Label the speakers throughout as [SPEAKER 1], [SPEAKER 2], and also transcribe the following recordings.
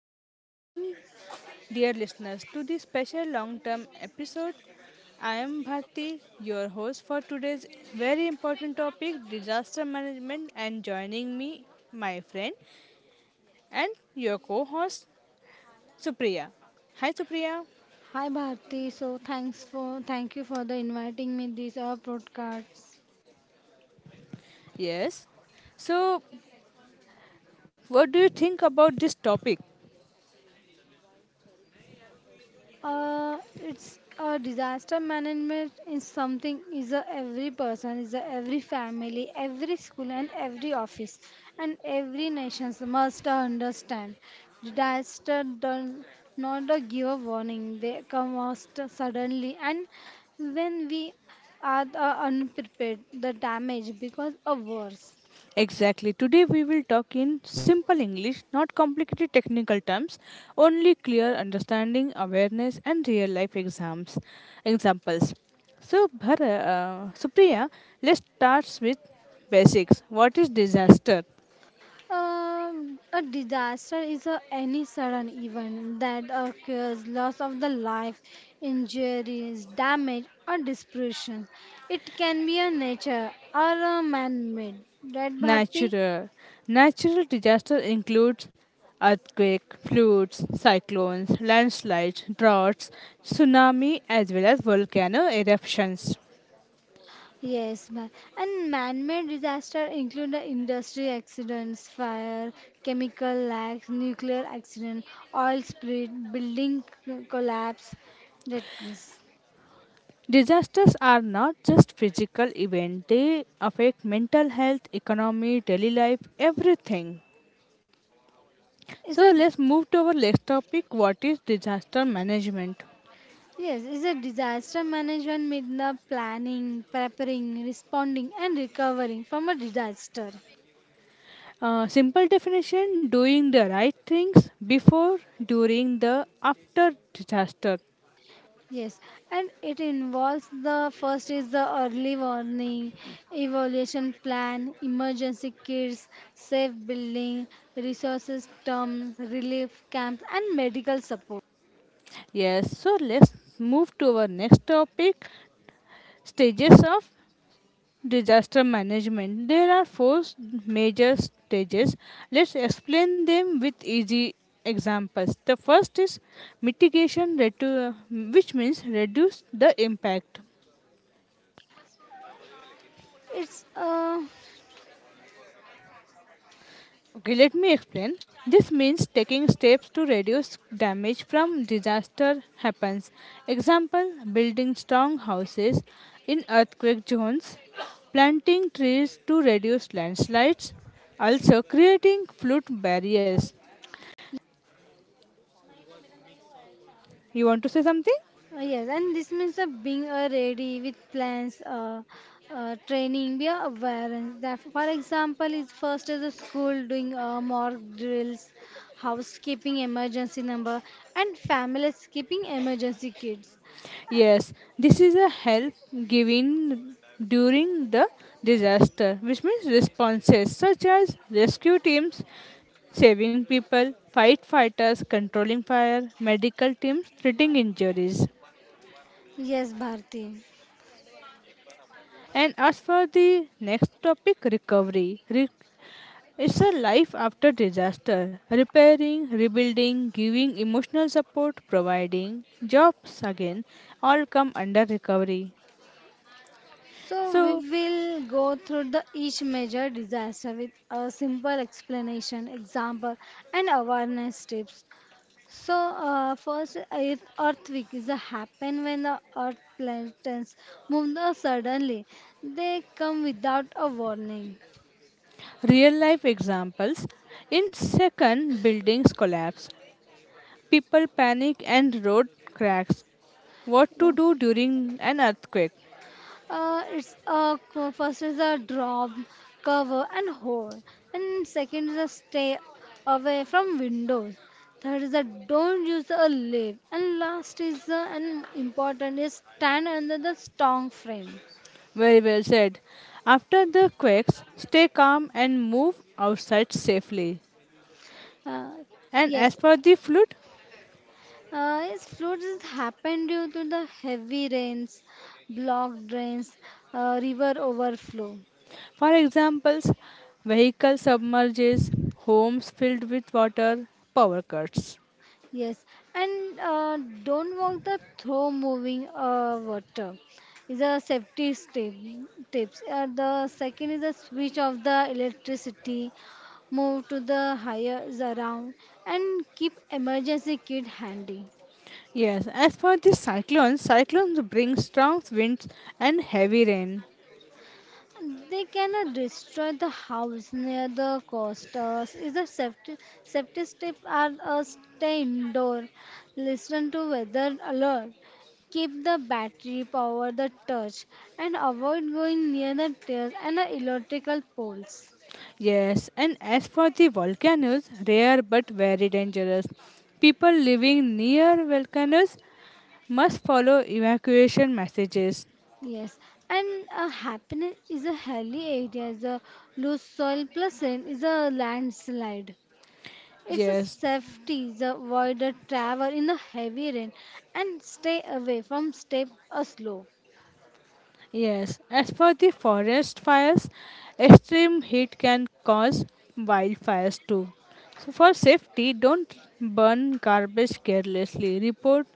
[SPEAKER 1] Hello, welcome, dear listeners, to this special long term episode. I am Bharti, your host for today's very important topic disaster management. And joining me, my friend and your co host, Supriya. Hi, Supriya.
[SPEAKER 2] Hi Bharti, thank you for the inviting me this podcast.
[SPEAKER 1] Yes. So, what do you think about this topic?
[SPEAKER 2] Uh, it's Disaster management is something is a every person, is a every family, every school and every office and every nation must understand. Disaster does not give a warning; they come most suddenly and when we are unprepared, the damage becomes worse.
[SPEAKER 1] Exactly. Today we will talk in simple English, not complicated technical terms, only clear understanding, awareness, and real life exams examples. So, Supriya, let's start with basics. What is disaster?
[SPEAKER 2] A disaster is a, any sudden event that occurs, loss of the life, injuries, damage, or destruction. It can be a nature or a man-made, right, Bharti?
[SPEAKER 1] Natural. Natural disaster includes earthquake, floods, cyclones, landslides, droughts, tsunami, as well as volcano eruptions.
[SPEAKER 2] Yes, ma'am. And man-made disaster include the industry accidents, fire, chemical lacks, nuclear accident, oil spill, building collapse. That
[SPEAKER 1] Disasters are not just physical events, they affect mental health, economy, daily life, everything.
[SPEAKER 2] is
[SPEAKER 1] So
[SPEAKER 2] a
[SPEAKER 1] let's move to our next topic, what is disaster management?
[SPEAKER 2] Yes, it's a disaster management means the planning, preparing, responding, and recovering from a disaster.
[SPEAKER 1] Simple definition, doing the right things before, during, the after disaster.
[SPEAKER 2] Yes, and it involves the first is the early warning, evaluation plan, emergency kits, safe building, resources terms, relief camps, and medical support.
[SPEAKER 1] Yes, so let's move to our next topic, stages of disaster management. There are four major stages. Let's explain them with easy examples. The first is mitigation, which means reduce the impact.
[SPEAKER 2] It's
[SPEAKER 1] Okay, let me explain. This means taking steps to reduce damage from disaster happens. Example, building strong houses in earthquake zones, planting trees to reduce landslides, also creating flood barriers. You want to say something?
[SPEAKER 2] Yes, and this means being ready with plans, training, be aware. That, for example, is first is a school doing mock drills, housekeeping emergency number, and families keeping emergency kits.
[SPEAKER 1] Yes, this is a help given during the disaster, which means responses such as rescue teams, saving people, firefighters, controlling fire, medical teams, treating injuries.
[SPEAKER 2] Yes, Bharti.
[SPEAKER 1] And as for the next topic, recovery. It's a life after disaster, repairing, rebuilding, giving emotional support, providing jobs again, all come under recovery.
[SPEAKER 2] So
[SPEAKER 1] So,
[SPEAKER 2] we will go through the each major disaster with a simple explanation, example, and awareness tips. So first, if earthquakes happen when the earth planets move the suddenly, they come without a warning.
[SPEAKER 1] real life examples, in second buildings collapse, people panic and road cracks. What to
[SPEAKER 2] So,
[SPEAKER 1] do during an earthquake?
[SPEAKER 2] First is a drop, cover and hold, and second is a stay away from windows. Third is a don't use a lift, and last is the and important is stand under the strong frame.
[SPEAKER 1] Very well said. After the quakes, stay calm and move outside safely.
[SPEAKER 2] Uh,
[SPEAKER 1] And as
[SPEAKER 2] yes,
[SPEAKER 1] for the flood,
[SPEAKER 2] Yes, floods happen due to the heavy rains, blocked drains, river overflow.
[SPEAKER 1] for examples, vehicle submerges, homes filled with water, power cuts.
[SPEAKER 2] Yes, and don't walk the throw moving water. Is a safety step, tips. The second is a switch of the electricity, move to the higher around, and keep emergency kit handy.
[SPEAKER 1] Yes, as for the cyclones, cyclones bring strong winds and heavy rain.
[SPEAKER 2] They cannot destroy the house near the coasters. Is the safety tip are stay indoor, listen to weather alert, keep the battery power the touch, and avoid going near the stairs and the electrical poles.
[SPEAKER 1] Yes, and as for the volcanoes, rare but very dangerous. People living near volcanoes must follow evacuation messages.
[SPEAKER 2] Yes, and happiness is a hilly area. Is a loose soil plus rain is a landslide. It's a
[SPEAKER 1] Yes,
[SPEAKER 2] safety the avoided travel in the heavy rain and stay away from step a slope.
[SPEAKER 1] yes. As for the forest fires, extreme heat can cause wildfires too. So, for safety, don't burn garbage carelessly. Report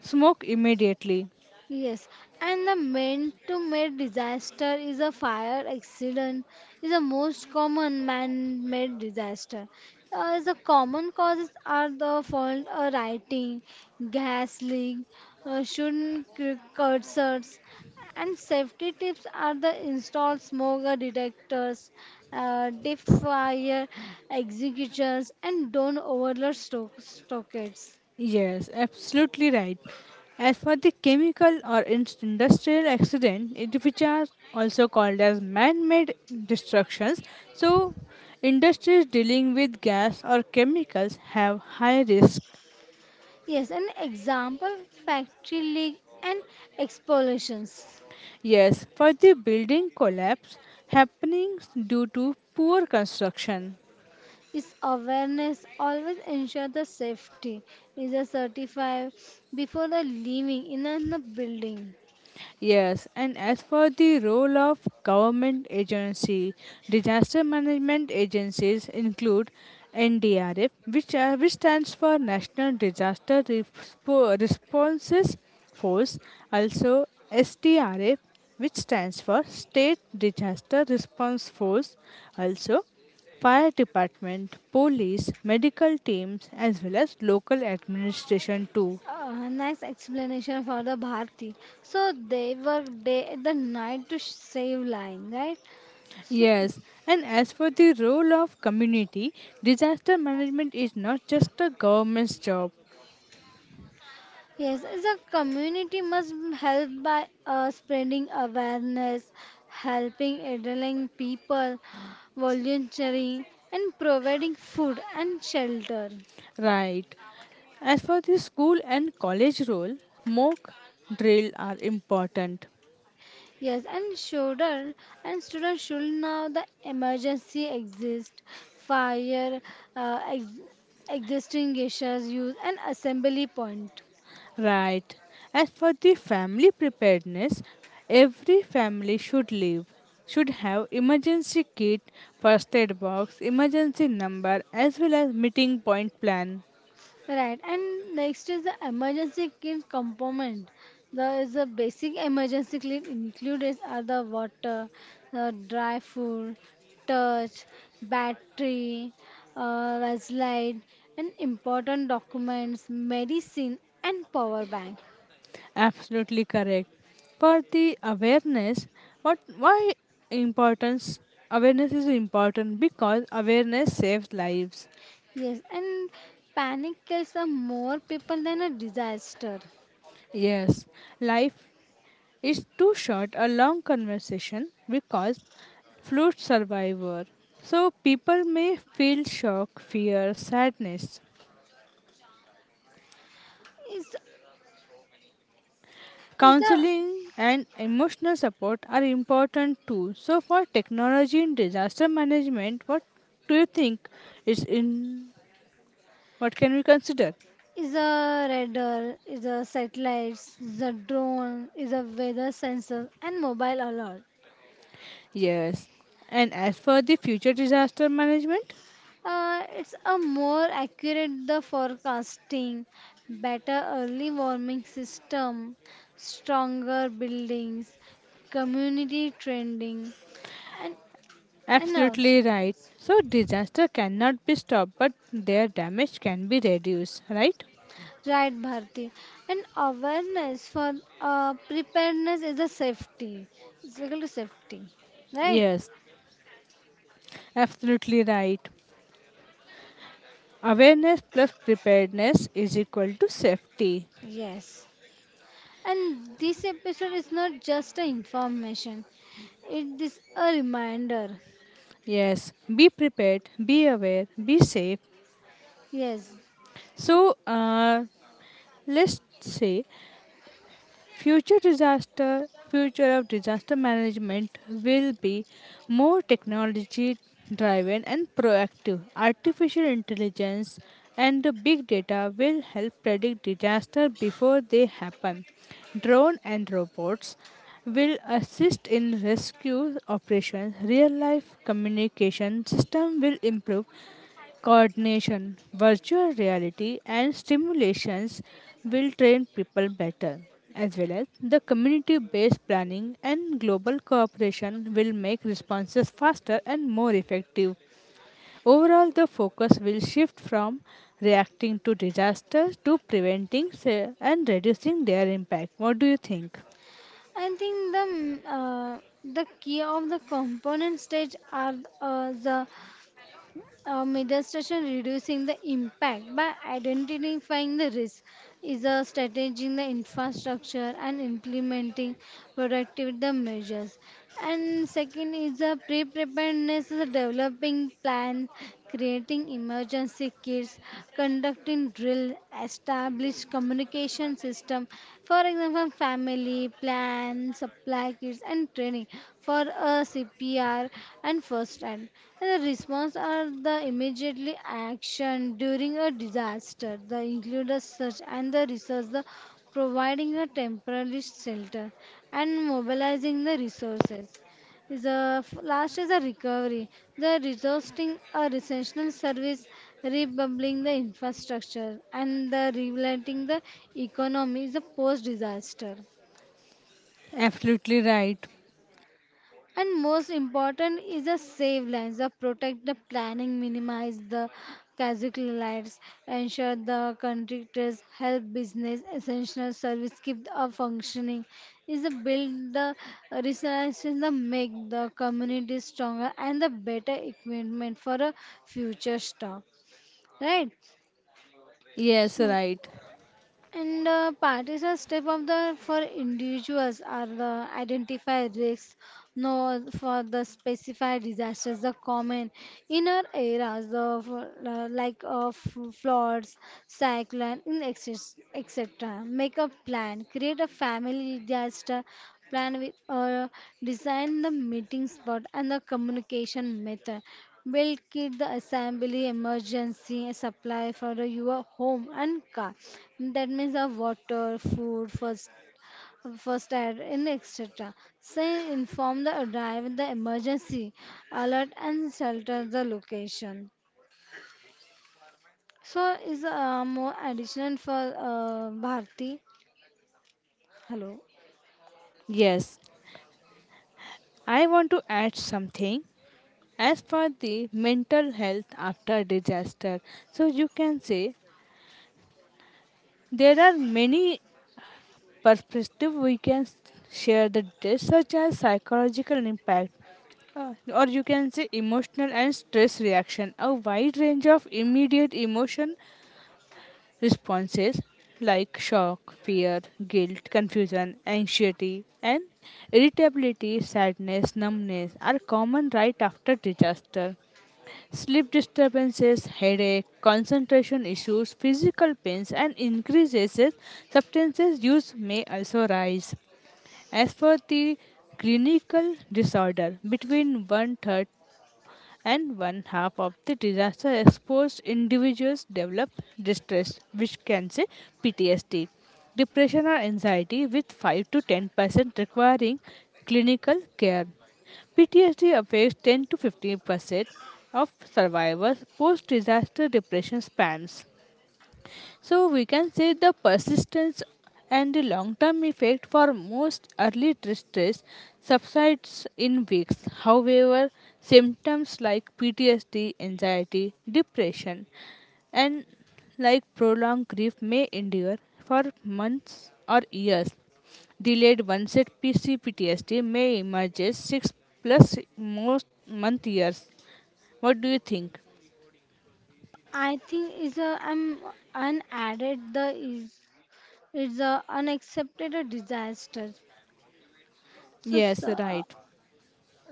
[SPEAKER 1] smoke immediately.
[SPEAKER 2] Yes, and the man to man disaster is a fire accident is the most common man-made disaster. The common causes are the fault writing, gas leak, cursors, and safety tips are the install smoke detectors, deep fire executors, and don't overload stockades.
[SPEAKER 1] Yes, absolutely right. As for the chemical or industrial accident, it, which are also called as man-made destructions, so industries dealing with gas or chemicals have high risk.
[SPEAKER 2] Yes, an example factory leak and explosions.
[SPEAKER 1] Yes, for the building collapse happening due to poor construction.
[SPEAKER 2] Is awareness always ensure the safety? Is a certified before the leaving in a the building?
[SPEAKER 1] Yes, and as for the role of government agency, disaster management agencies include NDRF, which stands for National Disaster Responses Force, also SDRF, which stands for State Disaster Response Force, also fire department, police, medical teams, as well as local administration too.
[SPEAKER 2] Nice explanation for the Bharti. So they work day and the night to save line, right? So
[SPEAKER 1] Yes, and as for the role of community, disaster management is not just a government's job,
[SPEAKER 2] Yes, the community must help by spreading awareness, helping elderly people, volunteering, and providing food and shelter.
[SPEAKER 1] right? As for the school and college role, mock drill are important,
[SPEAKER 2] Yes, and shoulder and students should know the emergency exist, fire, uh, ex- existing issues, use, and assembly point.
[SPEAKER 1] right? As for the family preparedness, every family should live should have emergency kit, first aid box, emergency number as well as meeting point plan.
[SPEAKER 2] Right, and next is the emergency kit component. The is the basic emergency kit included are the water, the dry food, torch, battery, light, and important documents, medicine, and power bank.
[SPEAKER 1] Absolutely correct. For the awareness, what why importance awareness is important because awareness saves lives.
[SPEAKER 2] Yes, and panic kills are more people than a disaster.
[SPEAKER 1] Yes, life is too short a long conversation because fluid survivor. So people may feel shock, fear, sadness.
[SPEAKER 2] Is is a
[SPEAKER 1] Counseling and emotional support are important too. So for technology in disaster management, what do you think is in what can we consider?
[SPEAKER 2] Is a radar, is a satellites, is a drone, is a weather sensor and mobile alert.
[SPEAKER 1] Yes. And as for the future disaster management?
[SPEAKER 2] It's a more accurate the forecasting, better early warning system, stronger buildings, community trending, and and also
[SPEAKER 1] Absolutely right.
[SPEAKER 2] yes.
[SPEAKER 1] So, disaster cannot be stopped, but their damage can be reduced, right?
[SPEAKER 2] Right, Bharti. And awareness for preparedness is a safety. It's equal to safety, right?
[SPEAKER 1] Yes, absolutely right. Awareness plus preparedness is equal to safety.
[SPEAKER 2] Yes. And this episode is not just an information, it is a reminder.
[SPEAKER 1] Yes, be prepared, be aware, be safe.
[SPEAKER 2] Yes,
[SPEAKER 1] So, let's say future disaster, future of disaster management will be more technology driven and proactive. Artificial intelligence and the big data will help predict disaster before they happen. Drone and robots will assist in rescue operations. Real life communication system will improve coordination, virtual reality, and stimulations will train people better, as well as the community based planning and global cooperation will make responses faster and more effective. Overall, the focus will shift from reacting to disasters to preventing and reducing their impact. What do you think?
[SPEAKER 2] I think the the key of the component stage are the middle station reducing the impact by identifying the risk is a strategy in the infrastructure and implementing productivity measures. And second is the pre-preparedness is a developing plan creating emergency kits, conducting drill, establish communication system, for example, family plan, supply kits, and training for a CPR and first aid. And the response are the immediately action during a disaster. The include search and the research, the providing a temporary shelter and mobilizing the resources. The last is a recovery, the resourcing a essential service, rebuilding the infrastructure, and the rebuilding the economy is a post disaster.
[SPEAKER 1] Absolutely right.
[SPEAKER 2] And most important is a save lives, the protect the planning, minimize the casualties, ensure the contractors help business essential service keep up functioning, is a build the resilience, the make the community stronger and the better equipment for a future stock. Right?
[SPEAKER 1] Yes,
[SPEAKER 2] So
[SPEAKER 1] right.
[SPEAKER 2] and Partisan step of the for individuals are the identify risks, know for the specified disasters, the common in our eras of like of floods, cyclone, etc. Make a plan, create a family disaster plan with or design the meeting spot and the communication method will kit the assembly emergency supply for your home and car, that means of water food first aid and etc, say inform the arrive the emergency alert and shelter the location. So is more additional for Bharti, hello.
[SPEAKER 1] Yes, I want to add something. As for the mental health after disaster, so you can say there are many perspectives we can share the disaster, such as psychological impact, or you can say emotional and stress reaction, a wide range of immediate emotion responses like shock, fear, guilt, confusion, anxiety, and irritability, sadness, numbness are common right after disaster. Sleep disturbances, headache, concentration issues, physical pains, and increases in substances use may also rise. As for the clinical disorder, between one third and one half of the disaster exposed individuals develop distress, which can say PTSD, depression or anxiety, with 5 to 10% requiring clinical care. PTSD affects 10 to 15% of survivors. Post disaster depression spans, so we can say the persistence and the long-term effect for most early distress subsides in weeks. However, symptoms like PTSD, anxiety, depression, and like prolonged grief may endure for months or years. Delayed onset PCPTSD may emerge as six plus most month years. What do you think?
[SPEAKER 2] I think is a I'm an added the is a unaccepted disaster. So,
[SPEAKER 1] Yes,
[SPEAKER 2] so, uh,
[SPEAKER 1] right.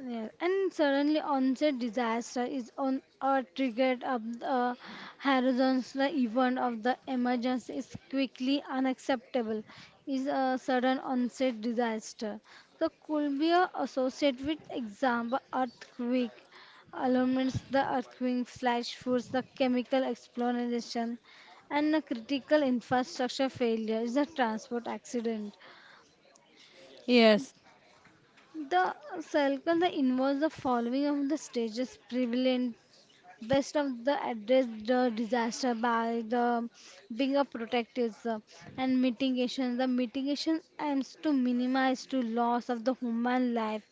[SPEAKER 2] Yeah, and suddenly onset disaster is on a triggered of the horizons. The event of the emergency is quickly unacceptable. Is a sudden onset disaster. The could be a associated with example earthquake, alarms, the earthquake, flash floods, the chemical explosion, and a critical infrastructure failure is a transport accident.
[SPEAKER 1] Yes.
[SPEAKER 2] The circle that involves the following of the stages prevalent best of the address the disaster by the being a protectivism and mitigation. The mitigation aims to minimize to loss of the human life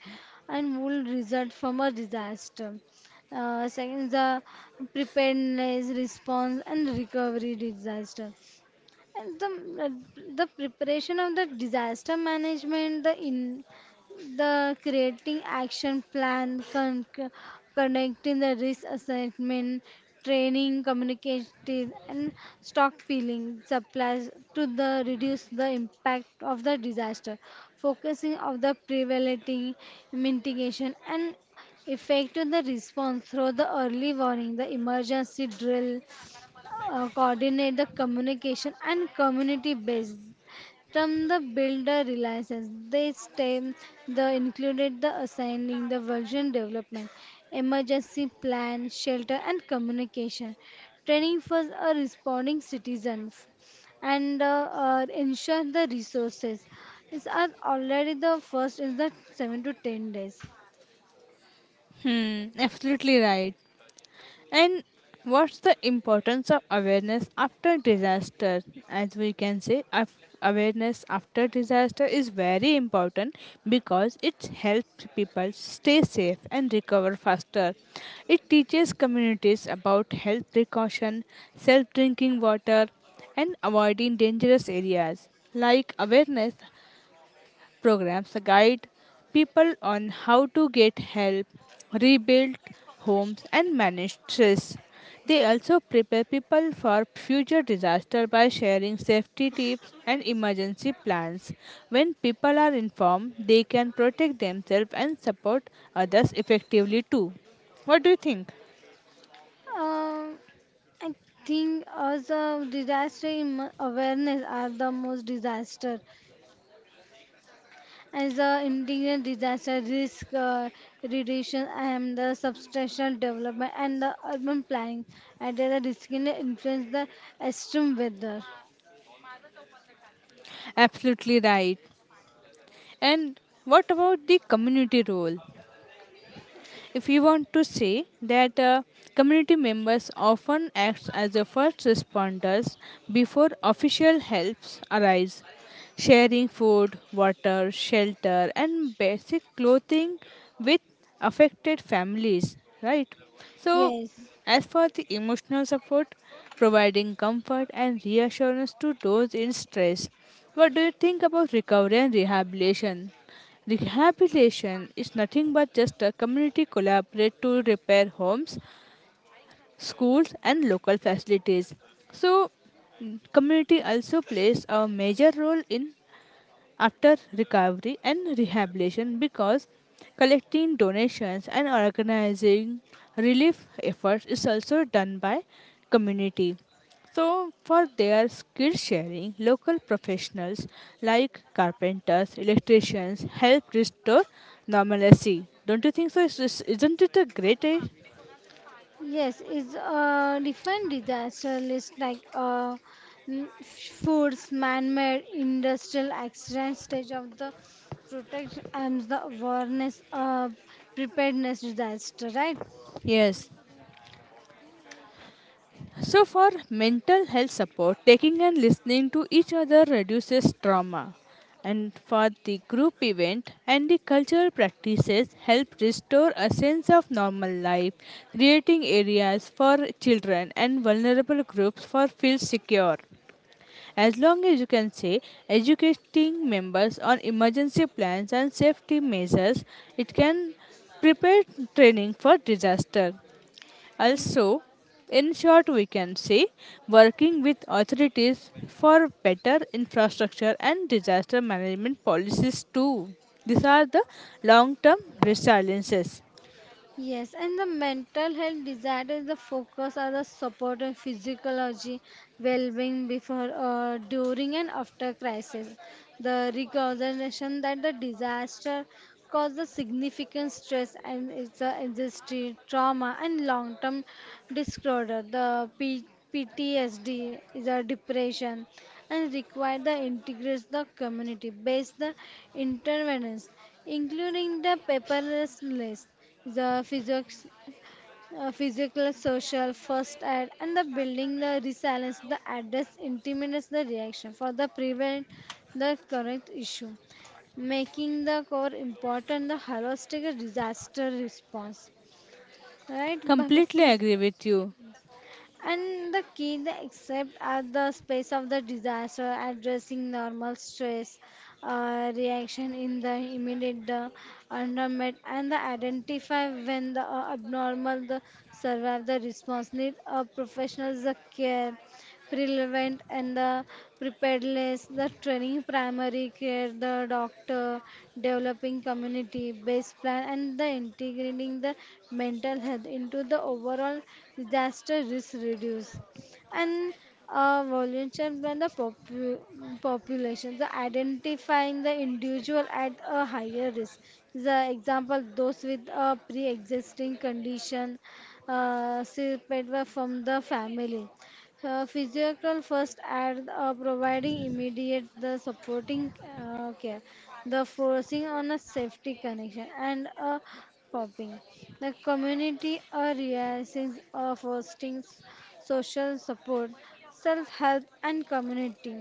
[SPEAKER 2] and will result from a disaster. Second, the preparedness, response, and recovery disaster. And the preparation of the disaster management, the in the creating action plan, conducting the risk assessment, training, communicating, and stockpiling supplies to the reduce the impact of the disaster, focusing of the prevailing mitigation and effective the response through the early warning, the emergency drill, coordinate the communication and community based from the builder reliances they stem the included the assigning the version development emergency plan shelter and communication training for a responding citizens and ensure the resources is are already the first is the 7 to 10 days.
[SPEAKER 1] Hmm, absolutely right. And what's the importance of awareness after disaster? As we can say, awareness after disaster is very important because it helps people stay safe and recover faster. It teaches communities about health precaution, self drinking water, and avoiding dangerous areas. Like, awareness programs guide people on how to get help, rebuild homes, and manage stress. They also prepare people for future disaster by sharing safety tips and emergency plans. When people are informed, they can protect themselves and support others effectively too. What do you think?
[SPEAKER 2] um, I think also disaster awareness are the most disaster as a integral disaster risk reduction and the substantial development and the urban planning and the risk in influence the extreme weather.
[SPEAKER 1] Absolutely right. And what about the community role? If you want to say that community members often act as the first responders before official helps arise, sharing food, water, shelter, and basic clothing with affected families, right? So,
[SPEAKER 2] Yes.
[SPEAKER 1] as for the emotional support, providing comfort and reassurance to those in stress. What do you think about recovery and rehabilitation? Rehabilitation is nothing but just a community collaborate to repair homes, schools, and local facilities. So, mm, community also plays a major role in after recovery and rehabilitation because collecting donations and organizing relief efforts is also done by community. So for their skill sharing, local professionals like carpenters, electricians help restore normalcy, don't you think so? Isn't it a great, eh?
[SPEAKER 2] Yes, it's a different disaster list like foods, man-made, industrial accidents, stage of the protection and the awareness, preparedness disaster, right?
[SPEAKER 1] Yes. So, for mental health support, taking and listening to each other reduces trauma. And for the group event and the cultural practices help restore a sense of normal life, creating areas for children and vulnerable groups for feel secure. As long as you can say educating members on emergency plans and safety measures, it can prepare training for disaster. Also, in short, we can say working with authorities for better infrastructure and disaster management policies, too. These are the long term resiliences.
[SPEAKER 2] Yes, and the mental health desire is the focus on the support and physiology, well-being before, during and after crisis. The recognition that the disaster caused a significant stress and it's a industry trauma and long-term disorder. The PTSD is a depression and require the integrates the community-based the interventions, including the paperless list the physics, physical, social, first aid, and the building the resilience, the address intimidates the reaction for the prevent the correct issue, making the core important the holistic disaster response. Right,
[SPEAKER 1] Completely
[SPEAKER 2] Bharati?
[SPEAKER 1] agree with you.
[SPEAKER 2] And the key they accept at the space of the disaster, addressing normal stress reaction in the immediate environment, and the identify when the abnormal the survive the response need a professional the care relevant and the preparedness, the training, primary care, the doctor, developing community based plan, and the integrating the mental health into the overall disaster risk reduce. And volunteer plan the population, the identifying the individual at a higher risk. The example those with a pre-existing condition separated from the family, physical first aid, providing immediate the supporting care, the forcing on a safety connection and a popping. The community reactions fostering social support, self help, and community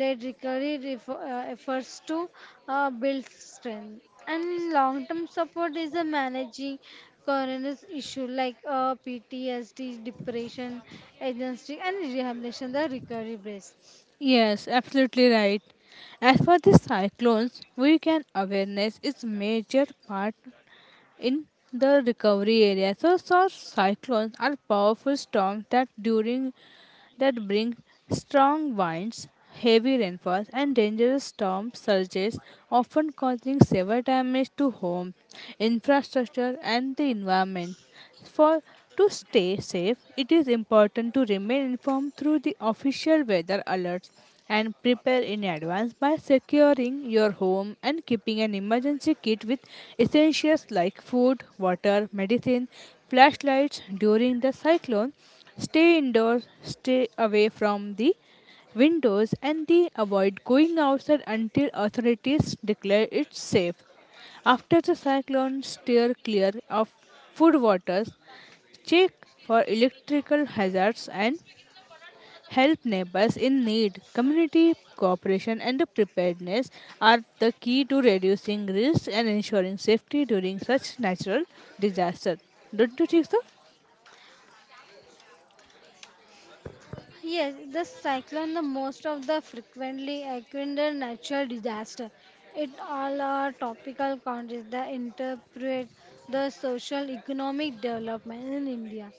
[SPEAKER 2] led recovery efforts to build strength. And long term support is a managing coroner's issue like PTSD, depression, agency, and rehabilitation, the recovery base.
[SPEAKER 1] Yes, absolutely right. As for the cyclones, we can awareness is major part in the recovery area. So, so cyclones are powerful storms that bring strong winds, heavy rainfalls, and dangerous storm surges, often causing severe damage to home, infrastructure, and the environment. For To stay safe, it is important to remain informed through the official weather alerts and prepare in advance by securing your home and keeping an emergency kit with essentials like food, water, medicine, flashlights during the cyclone. Stay indoors, stay away from the windows and they avoid going outside until authorities declare it safe. After the cyclone, steer clear of food waters, check for electrical hazards, and help neighbors in need. Community cooperation and preparedness are the key to reducing risk and ensuring safety during such natural disasters. Don't you think so?
[SPEAKER 2] Yes, the cyclone the most of the frequently occurring natural disaster. It all are topical countries that interpret the social economic development in India.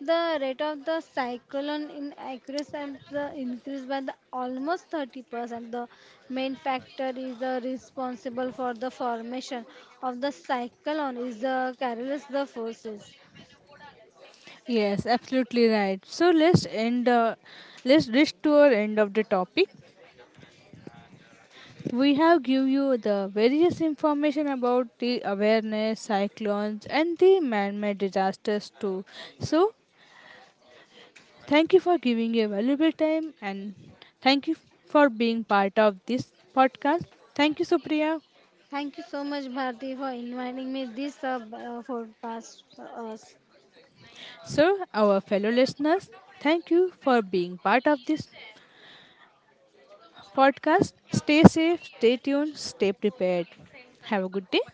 [SPEAKER 2] The rate of the cyclone in accuracy and the increase by the almost 30%. The main factor is the responsible for the formation of the cyclone is the careless the forces.
[SPEAKER 1] Yes, absolutely right. So let's end. Let's reach to our end of the topic. We have give you the various information about the awareness, cyclones and the man-made disasters too. So thank you for giving your valuable time and thank you for being part of this podcast. Thank you, Supriya.
[SPEAKER 2] Thank you so much, Bharti, for inviting me this b- podcast for us.
[SPEAKER 1] So our fellow listeners, thank you for being part of this podcast. Stay safe, stay tuned, stay prepared. Have a good day.